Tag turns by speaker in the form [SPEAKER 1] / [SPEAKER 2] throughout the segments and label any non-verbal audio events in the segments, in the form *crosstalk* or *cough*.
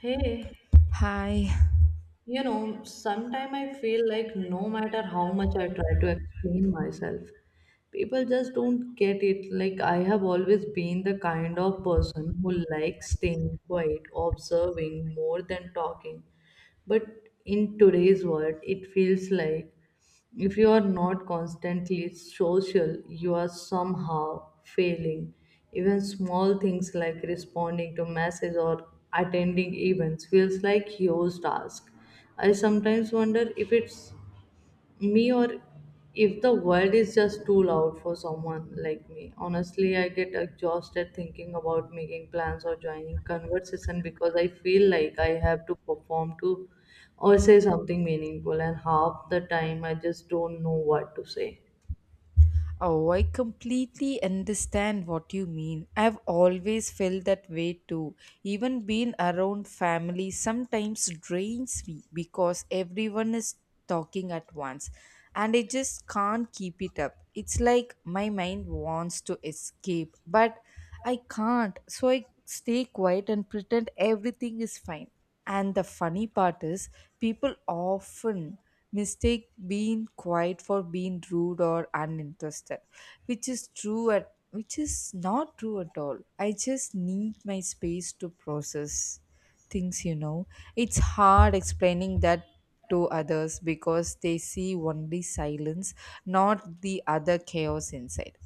[SPEAKER 1] Hey,
[SPEAKER 2] Hi.
[SPEAKER 1] sometimes I feel like no matter how much I try to explain myself, people just don't get it. Like, I have always been the kind of person who likes staying quiet, observing more than talking. But in today's world, it feels like if you are not constantly social, you are somehow failing. Even small things like responding to messages or attending events feels like huge task. I sometimes wonder if it's me or if the world is just too loud for someone like me. Honestly, I get exhausted thinking about making plans or joining conversation because I feel like I have to perform to or say something meaningful, and half the time I just don't know what to say.
[SPEAKER 2] Oh, I completely understand what you mean. I've always felt that way too. Even being around family sometimes drains me because everyone is talking at once and I just can't keep it up. It's like my mind wants to escape, but I can't. So I stay quiet and pretend everything is fine. And the funny part is, people often mistake being quiet for being rude or uninterested which is not true at all. I just need my space to process things. It's hard explaining that to others because they see only silence, not the other chaos inside.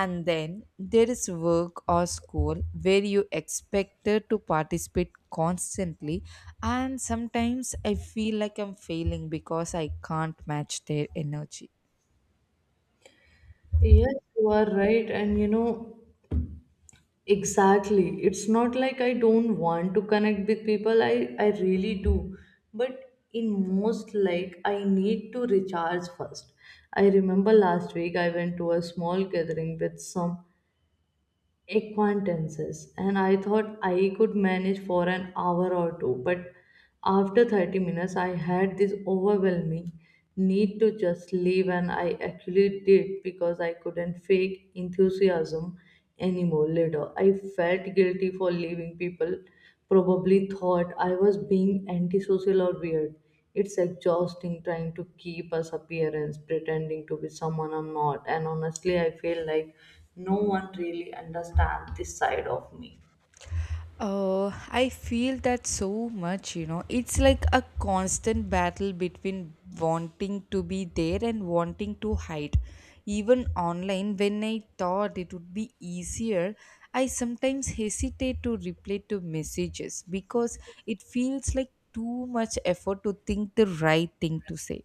[SPEAKER 2] And then there is work or school where you expected to participate constantly, and sometimes I feel like I'm failing because I can't match their energy.
[SPEAKER 1] Yes, you are right. And exactly. It's not like I don't want to connect with people. I really do. But in most, like, I need to recharge first. I remember last week I went to a small gathering with some acquaintances, and I thought I could manage for an hour or two, but after 30 minutes I had this overwhelming need to just leave, and I actually did because I couldn't fake enthusiasm anymore. Later I felt guilty for leaving. People probably thought I was being antisocial or weird. It's exhausting trying to keep as appearance, pretending to be someone I'm not, and honestly, I feel like no one really understands this side of me.
[SPEAKER 2] Oh, I feel that so much. It's like a constant battle between wanting to be there and wanting to hide. Even online, when I thought it would be easier, I sometimes hesitate to reply to messages because it feels like too much effort to think the right thing to say,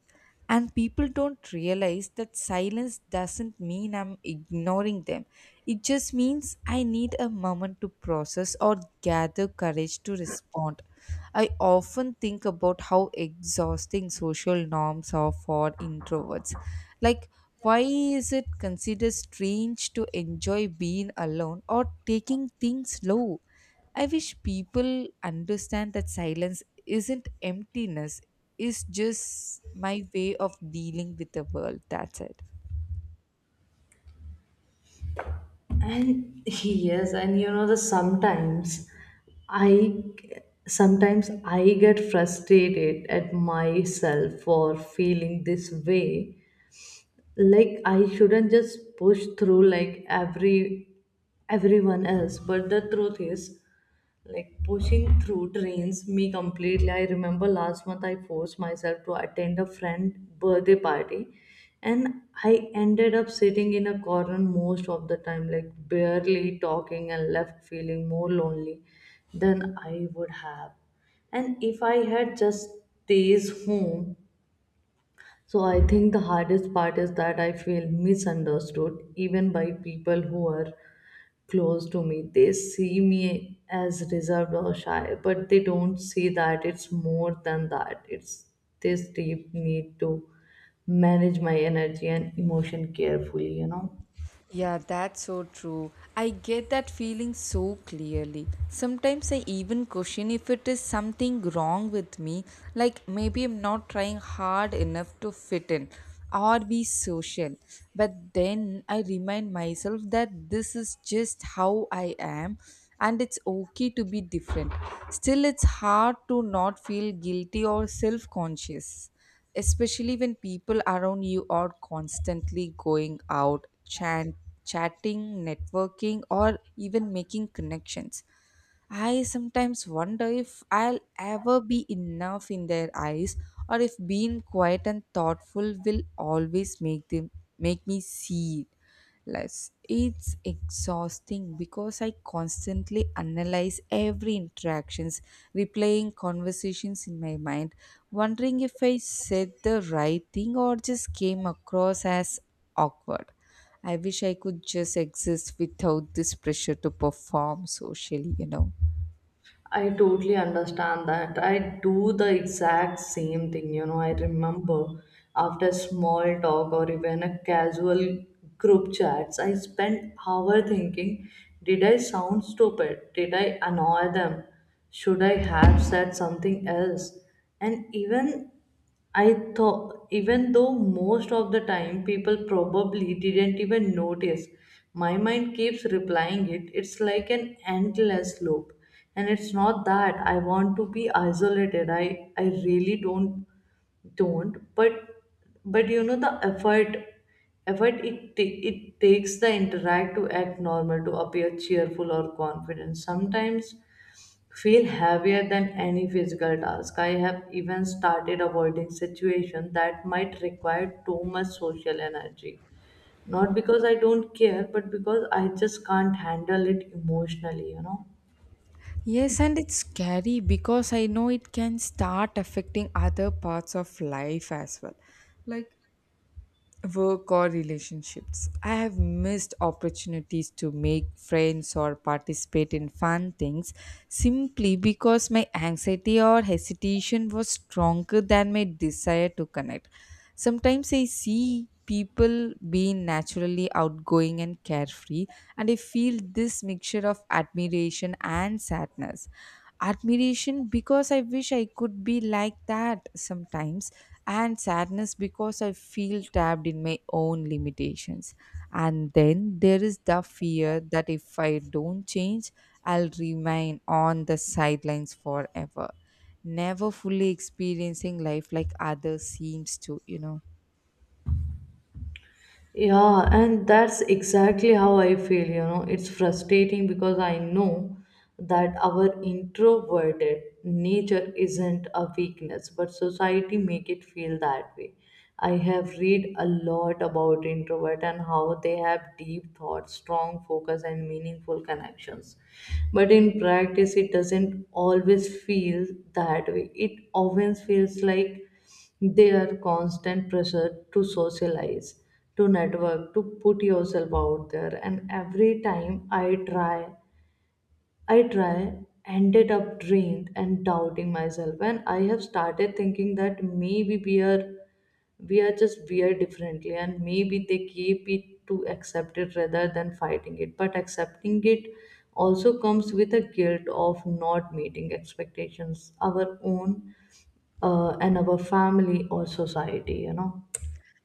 [SPEAKER 2] and people don't realize that silence doesn't mean I'm ignoring them. It just means I need a moment to process or gather courage to respond. I often think about how exhausting social norms are for introverts. Like, why is it considered strange to enjoy being alone or taking things slow? I wish people understand that silence isn't emptiness, it's just my way of dealing with the world. That's it.
[SPEAKER 1] And *laughs* yes, and you know, the sometimes I Sometimes I get frustrated at myself for feeling this way, like I shouldn't just push through like everyone else. But the truth is, like pushing through drains me completely. I remember last month I forced myself to attend a friend birthday party, and I ended up sitting in a corner most of the time, like barely talking, and left feeling more lonely than I would have and if I had just stays home. So I think the hardest part is that I feel misunderstood even by people who are close to me. They see me as reserved or shy, but they don't see that it's more than that. It's this deep need to manage my energy and emotion carefully,
[SPEAKER 2] Yeah, that's so true. I get that feeling so clearly. Sometimes I even question if it is something wrong with me, like maybe I'm not trying hard enough to fit in or be social. But then I remind myself that this is just how I am and it's okay to be different. Still, it's hard to not feel guilty or self conscious, especially when people around you are constantly going out, chatting, networking, or even making connections. I sometimes wonder if I'll ever be enough in their eyes, or if being quiet and thoughtful will always make me see it less. It's exhausting because I constantly analyze every interactions, replaying conversations in my mind, wondering if I said the right thing or just came across as awkward. I wish I could just exist without this pressure to perform socially.
[SPEAKER 1] I totally understand that. I do the exact same thing. You know, I remember after small talk or even a casual group chats, I spent hour thinking, did I sound stupid? Did I annoy them? Should I have said something else? And even I thought, even though most of the time people probably didn't even notice, my mind keeps replying it. It's like an endless loop. And it's not that I want to be isolated. I really don't. But you know, the effort it it takes the interact to act normal, to appear cheerful or confident, sometimes feel heavier than any physical task. I have even started avoiding situations that might require too much social energy. Not because I don't care, but because I just can't handle it emotionally,
[SPEAKER 2] Yes, and it's scary because I know it can start affecting other parts of life as well. Like work or relationships. I have missed opportunities to make friends or participate in fun things simply because my anxiety or hesitation was stronger than my desire to connect. Sometimes I see people being naturally outgoing and carefree, and I feel this mixture of admiration and sadness. Admiration because I wish I could be like that sometimes, and sadness because I feel trapped in my own limitations. And then there is the fear that if I don't change, I'll remain on the sidelines forever, never fully experiencing life like others seems to.
[SPEAKER 1] Yeah, and that's exactly how I feel, It's frustrating because I know that our introverted nature isn't a weakness, but society make it feel that way. I have read a lot about introvert and how they have deep thoughts, strong focus and meaningful connections. But in practice it doesn't always feel that way. It often feels like their constant pressure to socialize, to network, to put yourself out there. And every time I try, ended up drained and doubting myself. And I have started thinking that maybe we are just weird differently, and maybe they keep it to accept it rather than fighting it. But accepting it also comes with a guilt of not meeting expectations, our own, and our family or society,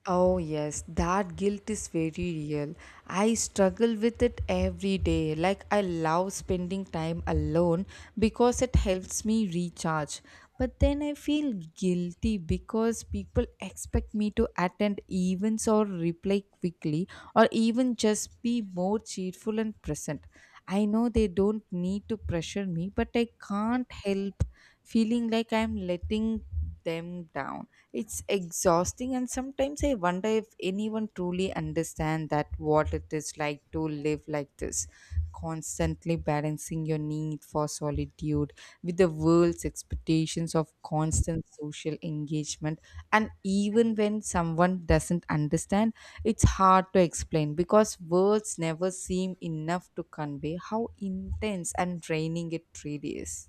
[SPEAKER 2] Oh, yes, that guilt is very real. I struggle with it every day. Like, I love spending time alone because it helps me recharge. But then I feel guilty because people expect me to attend events or reply quickly, or even just be more cheerful and present. I know they don't need to pressure me, but I can't help feeling like I'm letting them down. It's exhausting, and sometimes I wonder if anyone truly understands that what it is like to live like this, constantly balancing your need for solitude with the world's expectations of constant social engagement. And even when someone doesn't understand, it's hard to explain because words never seem enough to convey how intense and draining it really is.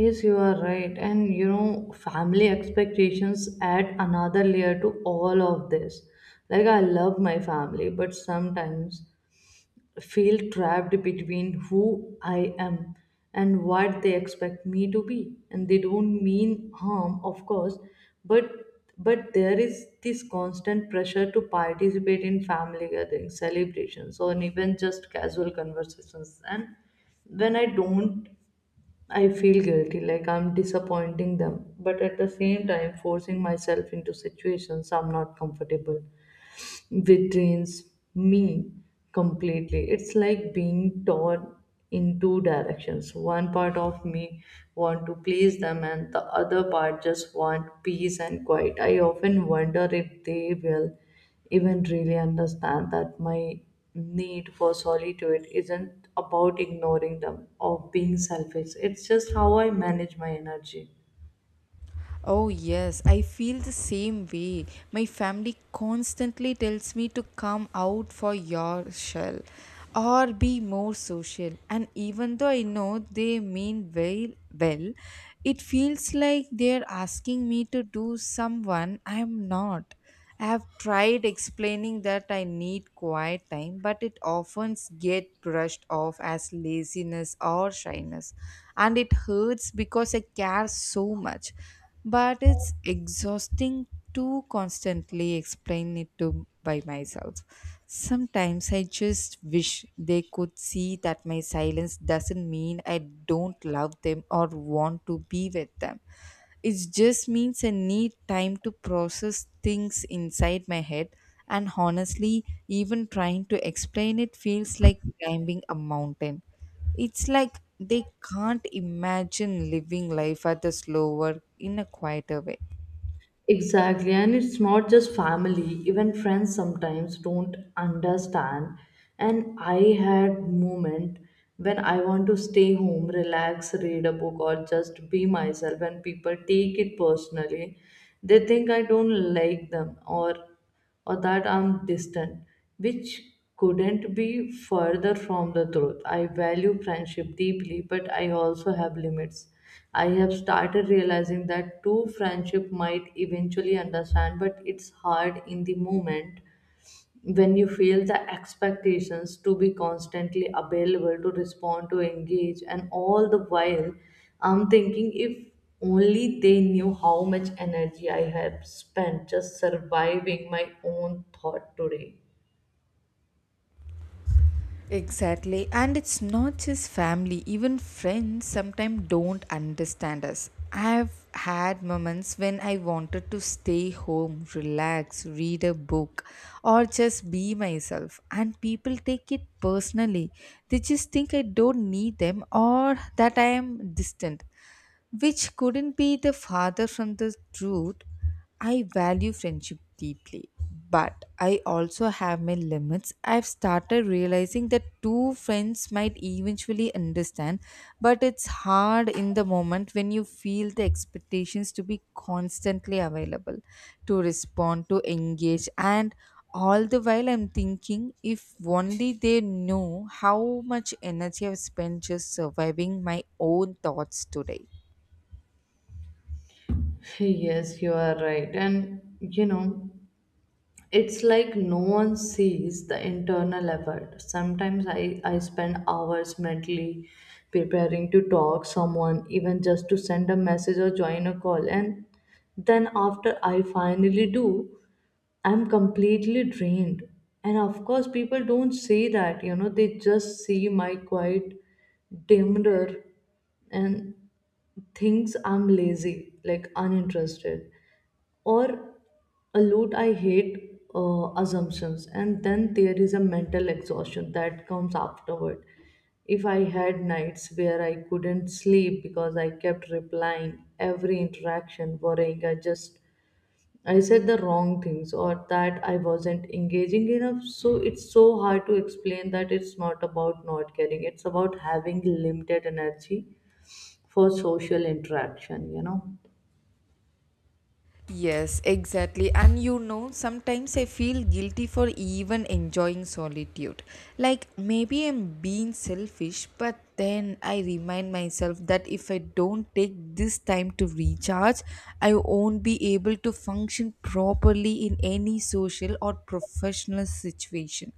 [SPEAKER 1] yes, you are right. And family expectations add another layer to all of this. Like, I love my family, but sometimes feel trapped between who I am and what they expect me to be. And they don't mean harm, of course, but there is this constant pressure to participate in family gatherings, celebrations, or even just casual conversations. And when I don't, I feel guilty, like I'm disappointing them, but at the same time forcing myself into situations I'm not comfortable, which drains me completely. It's like being torn in two directions. One part of me want to please them, and the other part just want peace and quiet. I often wonder if they will even really understand that my need for solitude isn't about ignoring them or being selfish. It's just how I manage my energy.
[SPEAKER 2] Oh, yes, I feel the same way. My family constantly tells me to come out for your shell or be more social. And even though I know they mean well, it feels like they're asking me to do someone I'm not. I have tried explaining that I need quiet time, but it often gets brushed off as laziness or shyness, and it hurts because I care so much. But it's exhausting to constantly explain it to by myself. Sometimes I just wish they could see that my silence doesn't mean I don't love them or want to be with them. It just means I need time to process things inside my head, and honestly, even trying to explain it feels like climbing a mountain. It's like they can't imagine living life at a slower, in a quieter way.
[SPEAKER 1] Exactly, and it's not just family, even friends sometimes don't understand. And I had moment when I want to stay home, relax, read a book, or just be myself, and people take it personally. They think I don't like them, or that I'm distant, which couldn't be further from the truth. I value friendship deeply, but I also have limits. I have started realizing that true friendship might eventually understand, but it's hard in the moment when you feel the expectations to be constantly available, to respond, to engage. And all the while, I'm thinking if only they knew how much energy I have spent just surviving my own thought today.
[SPEAKER 2] Exactly. And it's not just family, even friends sometimes don't understand us. I've had moments when I wanted to stay home, relax, read a book, or just be myself. And people take it personally. They just think I don't need them or that I am distant, which couldn't be the farther from the truth. I value friendship deeply, but I also have my limits. I've started realizing that two friends might eventually understand, but it's hard in the moment when you feel the expectations to be constantly available, to respond, to engage, and all the while I'm thinking if only they know how much energy I've spent just surviving my own thoughts today.
[SPEAKER 1] *laughs* yes you are right and you know It's like no one sees the internal effort. Sometimes I spend hours mentally preparing to talk someone, even just to send a message or join a call. And then after I finally do, I'm completely drained. And of course, people don't say that, they just see my quiet dimmer and thinks I'm lazy, like uninterested, or a lot. I hate assumptions. And then there is a mental exhaustion that comes afterward. If I had nights where I couldn't sleep because I kept replying every interaction, worrying I said the wrong things, or that I wasn't engaging enough. So it's so hard to explain that it's not about not caring, it's about having limited energy for social interaction,
[SPEAKER 2] Yes, exactly. And you know, sometimes I feel guilty for even enjoying solitude. Like maybe I'm being selfish, but then I remind myself that if I don't take this time to recharge, I won't be able to function properly in any social or professional situation.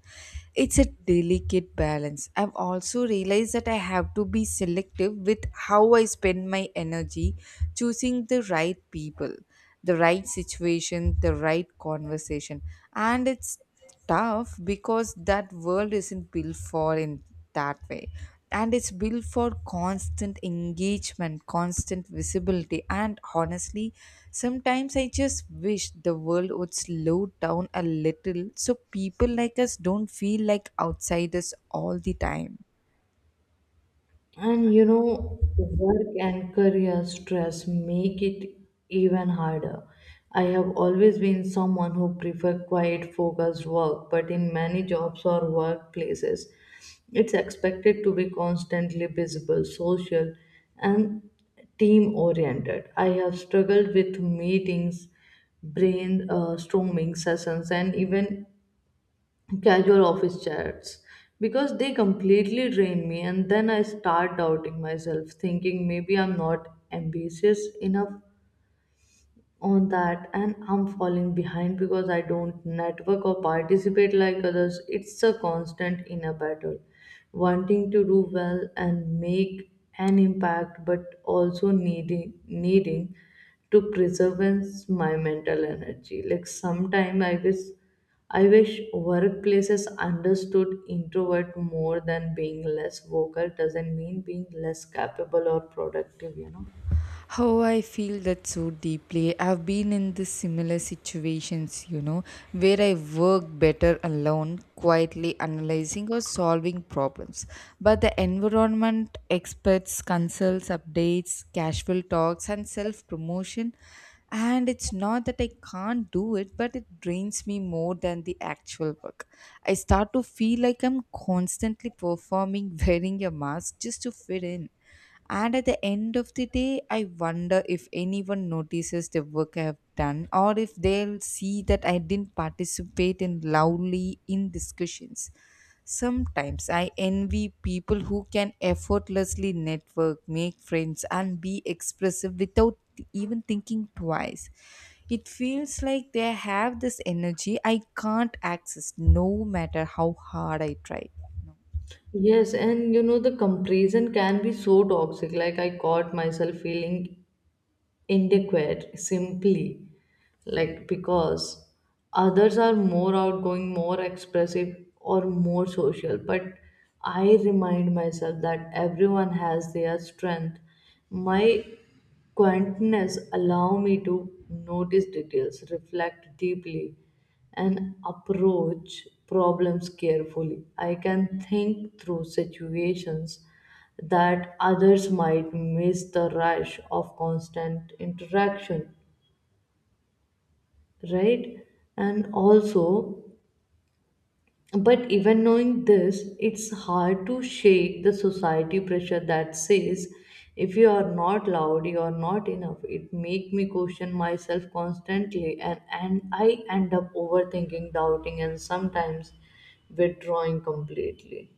[SPEAKER 2] It's a delicate balance. I've also realized that I have to be selective with how I spend my energy, choosing the right people, the right situation, the right conversation. And it's tough because that world isn't built for in that way. And it's built for constant engagement, constant visibility. And honestly, sometimes I just wish the world would slow down a little so people like us don't feel like outsiders all the time.
[SPEAKER 1] And you know, work and career stress make it even harder. I have always been someone who prefer quiet, focused work, but in many jobs or workplaces, it's expected to be constantly visible, social, and team oriented. I have struggled with meetings, brainstorming sessions, and even casual office chats because they completely drain me. And then I start doubting myself, thinking maybe I'm not ambitious enough on that, and I'm falling behind because I don't network or participate like others. It's a constant inner battle, wanting to do well and make an impact, but also needing to preserve my mental energy. Like sometime I wish workplaces understood introvert more, than being less vocal doesn't mean being less capable or productive,
[SPEAKER 2] How I feel that so deeply. I've been in this similar situations, you know, where I work better alone, quietly analyzing or solving problems. But the environment, experts, consults, updates, casual talks, and self promotion. And it's not that I can't do it, but it drains me more than the actual work. I start to feel like I'm constantly performing, *laughs* wearing a mask just to fit in, and at the end of the day, I wonder if anyone notices the work I have done or if they'll see that I didn't participate in loudly in discussions. Sometimes I envy people who can effortlessly network, make friends, and be expressive without even thinking twice. It feels like they have this energy I can't access no matter how hard I try.
[SPEAKER 1] Yes, and you know, the comparison can be so toxic. Like, I caught myself feeling inadequate simply, like, because others are more outgoing, more expressive, or more social. But I remind myself that everyone has their strength. My quietness allow me to notice details, reflect deeply, and approach problems carefully. I can think through situations that others might miss the rush of constant interaction, right? And also, but even knowing this, it's hard to shake the society pressure that says if you are not loud, you are not enough. It make me question myself constantly, and I end up overthinking, doubting, and sometimes withdrawing completely.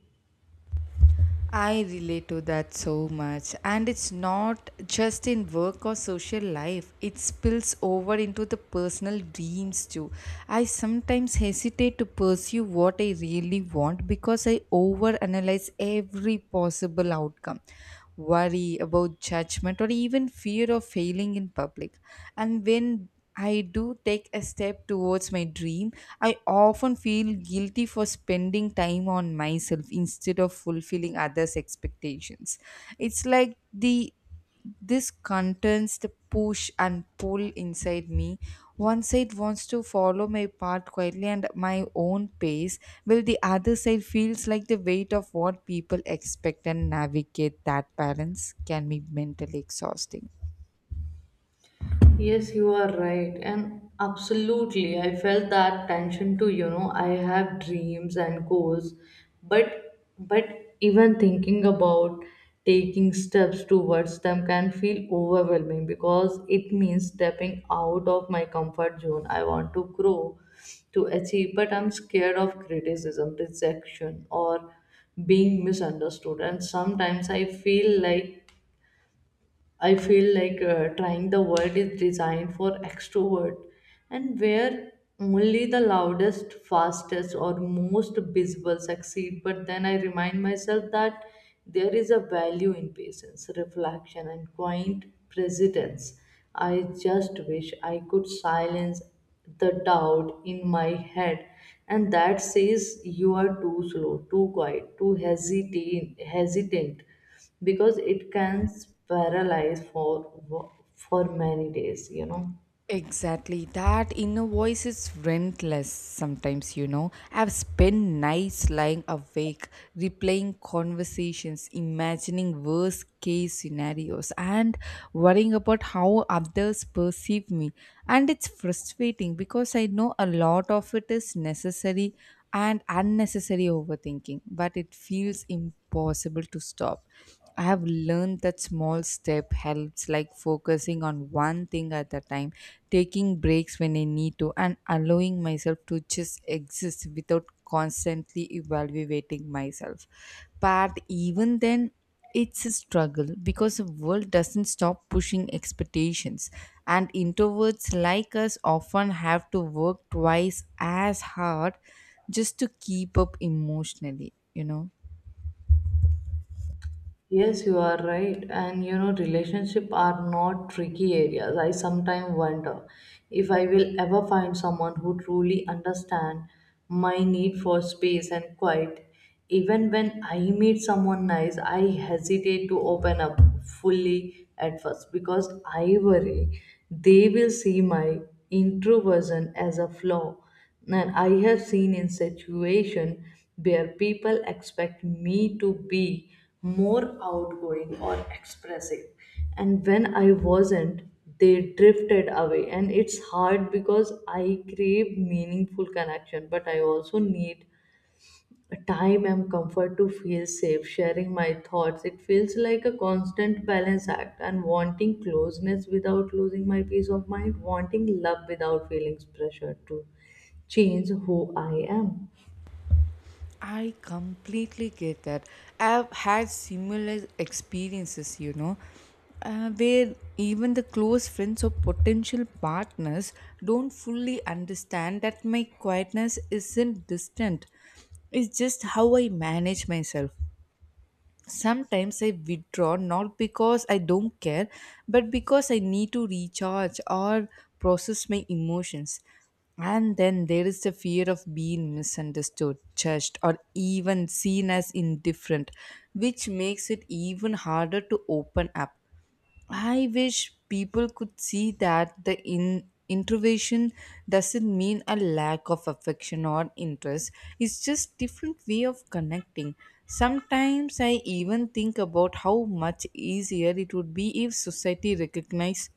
[SPEAKER 2] I relate to that so much. And it's not just in work or social life, it spills over into the personal dreams too. I sometimes hesitate to pursue what I really want because I overanalyze every possible outcome, worry about judgment or even fear of failing in public. And when I do take a step towards my dream, I often feel guilty for spending time on myself instead of fulfilling others' expectations. It's like the this contains the push and pull inside me. One side wants to follow my path quietly and my own pace, while the other side feels like the weight of what people expect, and navigate that balance can be mentally exhausting.
[SPEAKER 1] Yes, you are right. And absolutely, I felt that tension too. You know, I have dreams and goals, but even thinking about taking steps towards them can feel overwhelming because it means stepping out of my comfort zone. I want to grow, to achieve, but I'm scared of criticism, rejection, or being misunderstood. And sometimes I feel like trying the world is designed for extrovert, and where only the loudest, fastest, or most visible succeed. But then I remind myself that there is a value in patience, reflection, and quiet presence. I just wish I could silence the doubt in my head and that says you are too slow, too quiet, too hesitate hesitant, because it can paralyze for many days,
[SPEAKER 2] Exactly. That inner voice is relentless sometimes, you know. I've spent nights lying awake, replaying conversations, imagining worst case scenarios, and worrying about how others perceive me. And it's frustrating because I know a lot of it is necessary and unnecessary overthinking, but it feels impossible to stop. I have learned that small step helps, like focusing on one thing at a time, taking breaks when I need to, and allowing myself to just exist without constantly evaluating myself. But even then, it's a struggle because the world doesn't stop pushing expectations, and introverts like us often have to work twice as hard just to keep up emotionally.
[SPEAKER 1] yes, you are right. And relationship are not tricky areas. I sometimes wonder if I will ever find someone who truly understand my need for space and quiet. Even when I meet someone nice, I hesitate to open up fully at first because I worry they will see my introversion as a flaw. And I have seen in situation where people expect me to be more outgoing or expressive. And when I wasn't, they drifted away. And it's hard because I crave meaningful connection, but I also need time and comfort to feel safe, sharing my thoughts. It feels like a constant balance act and wanting closeness without losing my peace of mind, wanting love without feeling pressure to change who I am.
[SPEAKER 2] I completely get that. I've had similar experiences, you know, where even the close friends or potential partners don't fully understand that my quietness isn't distant. It's just how I manage myself. Sometimes I withdraw not because I don't care, but because I need to recharge or process my emotions. And then there is the fear of being misunderstood, judged, or even seen as indifferent, which makes it even harder to open up. I wish people could see that the introversion doesn't mean a lack of affection or interest. It's just different way of connecting. Sometimes I even think about how much easier it would be if society recognized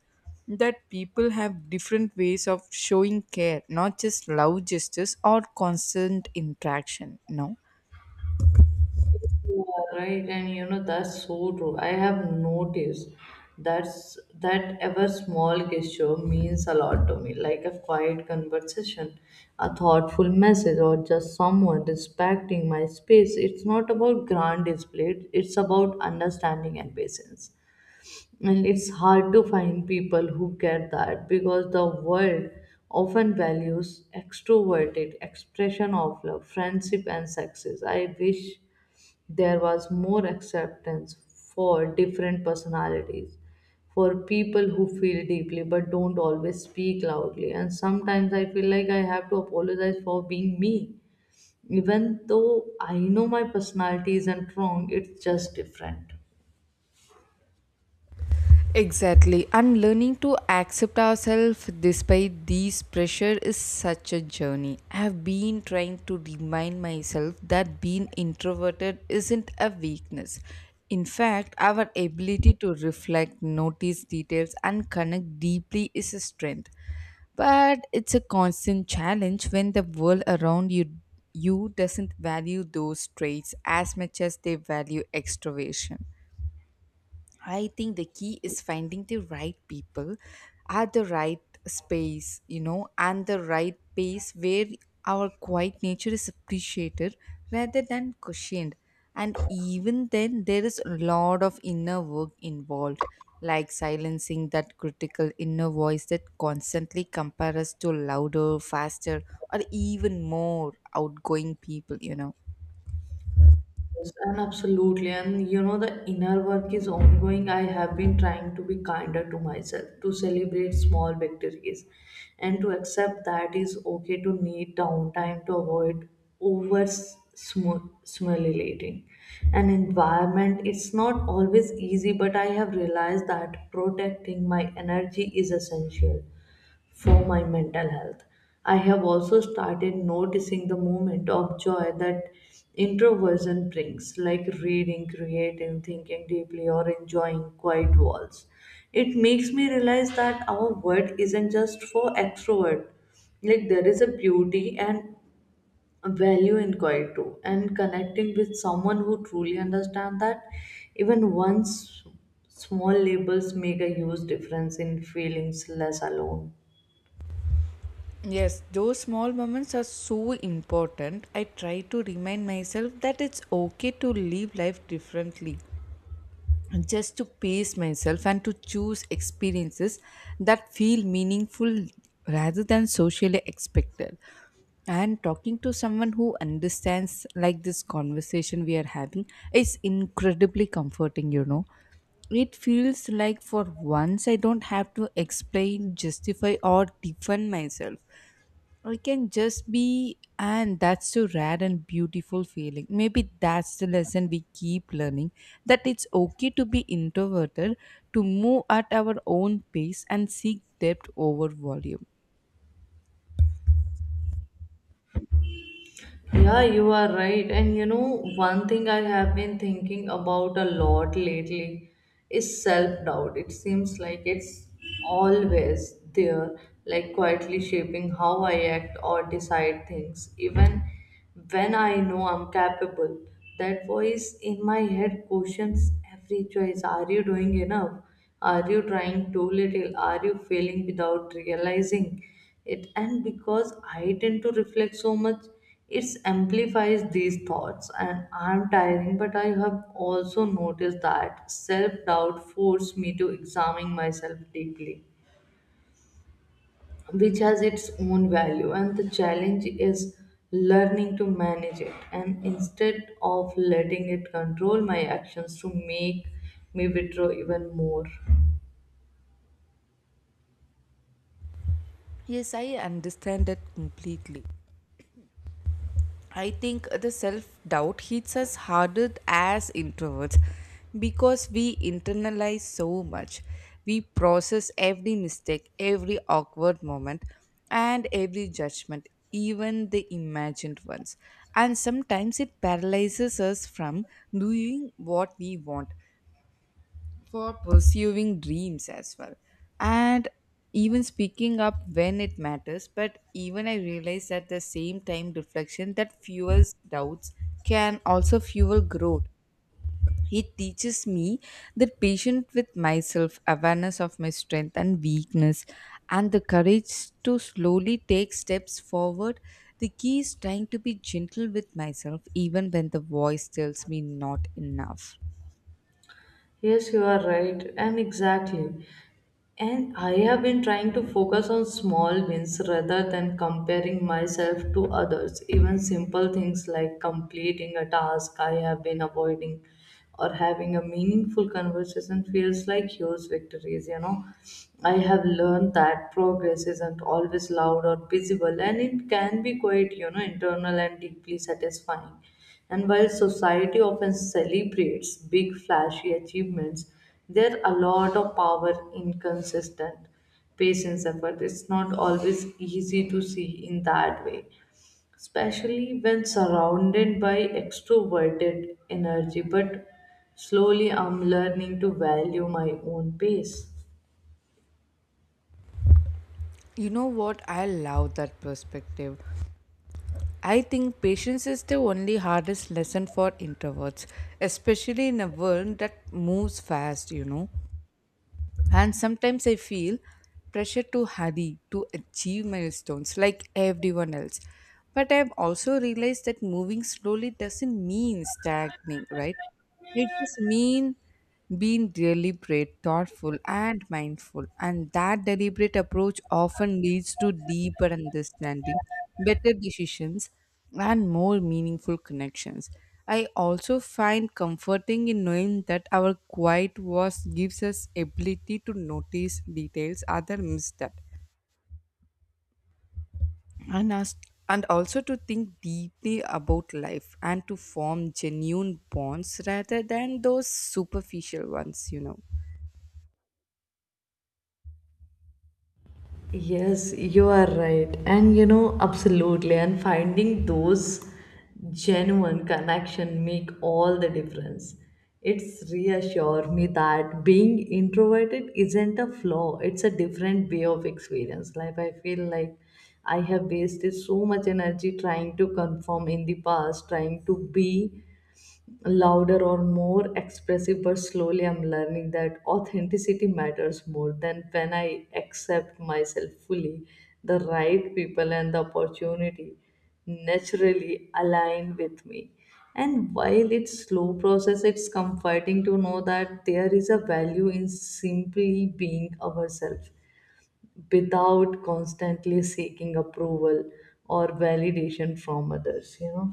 [SPEAKER 2] that people have different ways of showing care, not just love gestures or constant interaction. No.
[SPEAKER 1] You are Right, and that's so true. I have noticed that's that ever small gesture means a lot to me, like a quiet conversation, a thoughtful message, or just someone respecting my space. It's not about grand display, it's about understanding and patience. And it's hard to find people who get that because the world often values extroverted expression of love, friendship, and success. I wish there was more acceptance for different personalities, for people who feel deeply but don't always speak loudly, and sometimes I feel like I have to apologize for being me, even though I know my personality isn't wrong, it's just different.
[SPEAKER 2] Exactly. And learning to accept ourselves despite these pressure is such a journey. I have been trying to remind myself that being introverted isn't a weakness. In fact, our ability to reflect, notice details, and connect deeply is a strength. But it's a constant challenge when the world around you doesn't value those traits as much as they value extroversion. I think the key is finding the right people at the right space, you know, and the right pace where our quiet nature is appreciated rather than cushioned. And even then, there is a lot of inner work involved, like silencing that critical inner voice that constantly compares us to louder, faster, or even more outgoing people.
[SPEAKER 1] Yes, and absolutely. And the inner work is ongoing. I have been trying to be kinder to myself, to celebrate small victories, and to accept that it's okay to need downtime to avoid over stimulating an environment. It's not always easy, but I have realized that protecting my energy is essential for my mental health. I have also started noticing the moment of joy that introversion brings, like reading, creating, thinking deeply, or enjoying quiet walls. It makes me realize that our world isn't just for extrovert. Like there is a beauty and value in quiet too, and connecting with someone who truly understands that, even once, small labels make a huge difference in feelings less alone.
[SPEAKER 2] Yes, those small moments are so important. I try to remind myself that it's okay to live life differently, just to pace myself and to choose experiences that feel meaningful rather than socially expected. And talking to someone who understands, like this conversation we are having, is incredibly comforting, you know it feels like for once I don't have to explain, justify, or defend myself. I can just be, and that's so rare and beautiful feeling. Maybe that's the lesson we keep learning that it's okay to be introverted, to move at our own pace, and seek depth over volume.
[SPEAKER 1] Yeah, you are right. And one thing I have been thinking about a lot lately is self doubt. It seems like it's always there, like quietly shaping how I act or decide things, even when I know I'm capable. That voice in my head questions every choice. Are you doing enough? Are you trying too little? Are you failing without realizing it? And because I tend to reflect so much, it amplifies these thoughts, and I'm tiring. But I have also noticed that self-doubt forced me to examine myself deeply, which has its own value. And the challenge is learning to manage it, and instead of letting it control my actions to make me withdraw even more.
[SPEAKER 2] Yes, I understand that completely. I think the self doubt hits us harder as introverts because we internalize so much. We process every mistake, every awkward moment, and every judgment, even the imagined ones. And sometimes it paralyzes us from doing what we want for pursuing dreams as well and even speaking up when it matters. But even I realized at the same time reflection that fuels doubts can also fuel growth. It teaches me that patient with myself, awareness of my strength and weakness, and the courage to slowly take steps forward. The key is trying to be gentle with myself even when the voice tells me not enough.
[SPEAKER 1] Yes, you are right, and exactly. And I have been trying to focus on small wins rather than comparing myself to others. Even simple things like completing a task I have been avoiding or having a meaningful conversation feels like huge victories. I have learned that progress isn't always loud or visible, and it can be quite, internal and deeply satisfying. And while society often celebrates big, flashy achievements, there are a lot of power in consistent patience effort. It's not always easy to see in that way, especially when surrounded by extroverted energy. But slowly, I'm learning to value my own pace.
[SPEAKER 2] You know what? I love that perspective. I think patience is the only hardest lesson for introverts, especially in a world that moves fast, you know. And sometimes I feel pressure to hurry, to achieve milestones like everyone else. But I've also realized that moving slowly doesn't mean stagnating, right? It just means being deliberate, thoughtful, and mindful, and that deliberate approach often leads to deeper understanding, better decisions, and more meaningful connections. I also find comforting in knowing that our quiet voice gives us ability to notice details other miss that and us, and also to think deeply about life and to form genuine bonds rather than those superficial ones, you know.
[SPEAKER 1] Yes, you are right. And absolutely. And finding those genuine connection make all the difference. It's reassure me that being introverted isn't a flaw. It's a different way of experience. Like I feel like I have wasted so much energy trying to conform in the past, trying to be louder or more expressive, but slowly I'm learning that authenticity matters more. Than when I accept myself fully, the right people and the opportunity naturally align with me. And while it's slow process, it's comforting to know that there is a value in simply being ourselves, without constantly seeking approval or validation from others.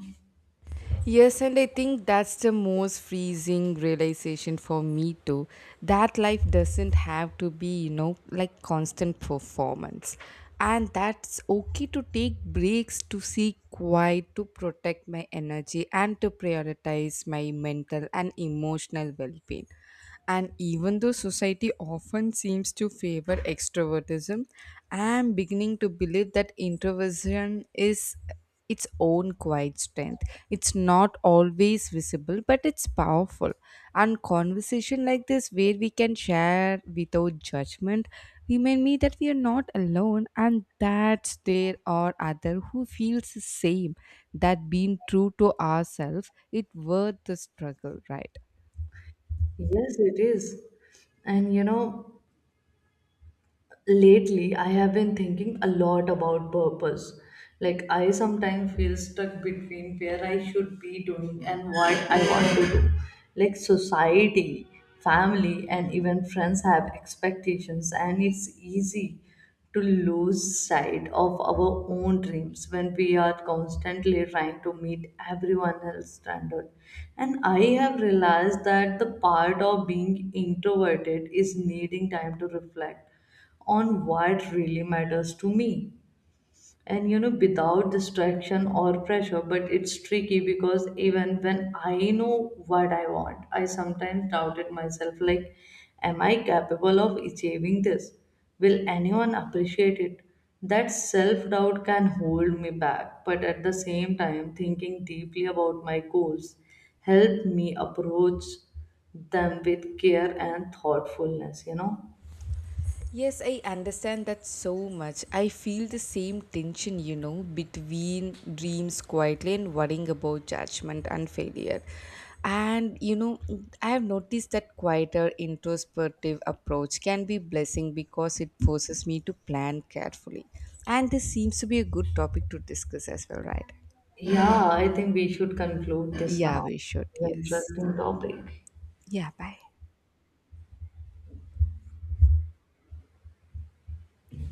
[SPEAKER 2] Yes, and I think that's the most freezing realization for me too. That life doesn't have to be, you know, like constant performance. And that's okay to take breaks, to seek quiet, to protect my energy, and to prioritize my mental and emotional well being. And even though society often seems to favor extrovertism, I am beginning to believe that introversion is its own quiet strength. It's not always visible, but it's powerful. And conversation like this, where we can share without judgment, remind me that we are not alone, and that there are other who feels the same. That being true to ourselves, it worth the struggle, right?
[SPEAKER 1] Yes, it is. And lately I have been thinking a lot about purpose. Like I sometimes feel stuck between where I should be doing and what I want to do. Like society, family, and even friends have expectations, and it's easy to lose sight of our own dreams when we are constantly trying to meet everyone else's standard. And I have realized that the part of being introverted is needing time to reflect on what really matters to me, and without distraction or pressure. But it's tricky because even when I know what I want, I sometimes doubted myself. Like, am I capable of achieving this? Will anyone appreciate it? That self doubt can hold me back, but at the same time, thinking deeply about my goals help me approach them with care and thoughtfulness.
[SPEAKER 2] Yes, I understand that so much. I feel the same tension, you know, between dreams quietly and worrying about judgment and failure. And you know, I have noticed that quieter introspective approach can be blessing because it forces me to plan carefully. And this seems to be a good topic to discuss as well, right?
[SPEAKER 1] Yeah, I think we should conclude this
[SPEAKER 2] Yeah,
[SPEAKER 1] now.
[SPEAKER 2] we should.
[SPEAKER 1] It's an
[SPEAKER 2] Yes.
[SPEAKER 1] interesting topic.
[SPEAKER 2] Yeah, bye.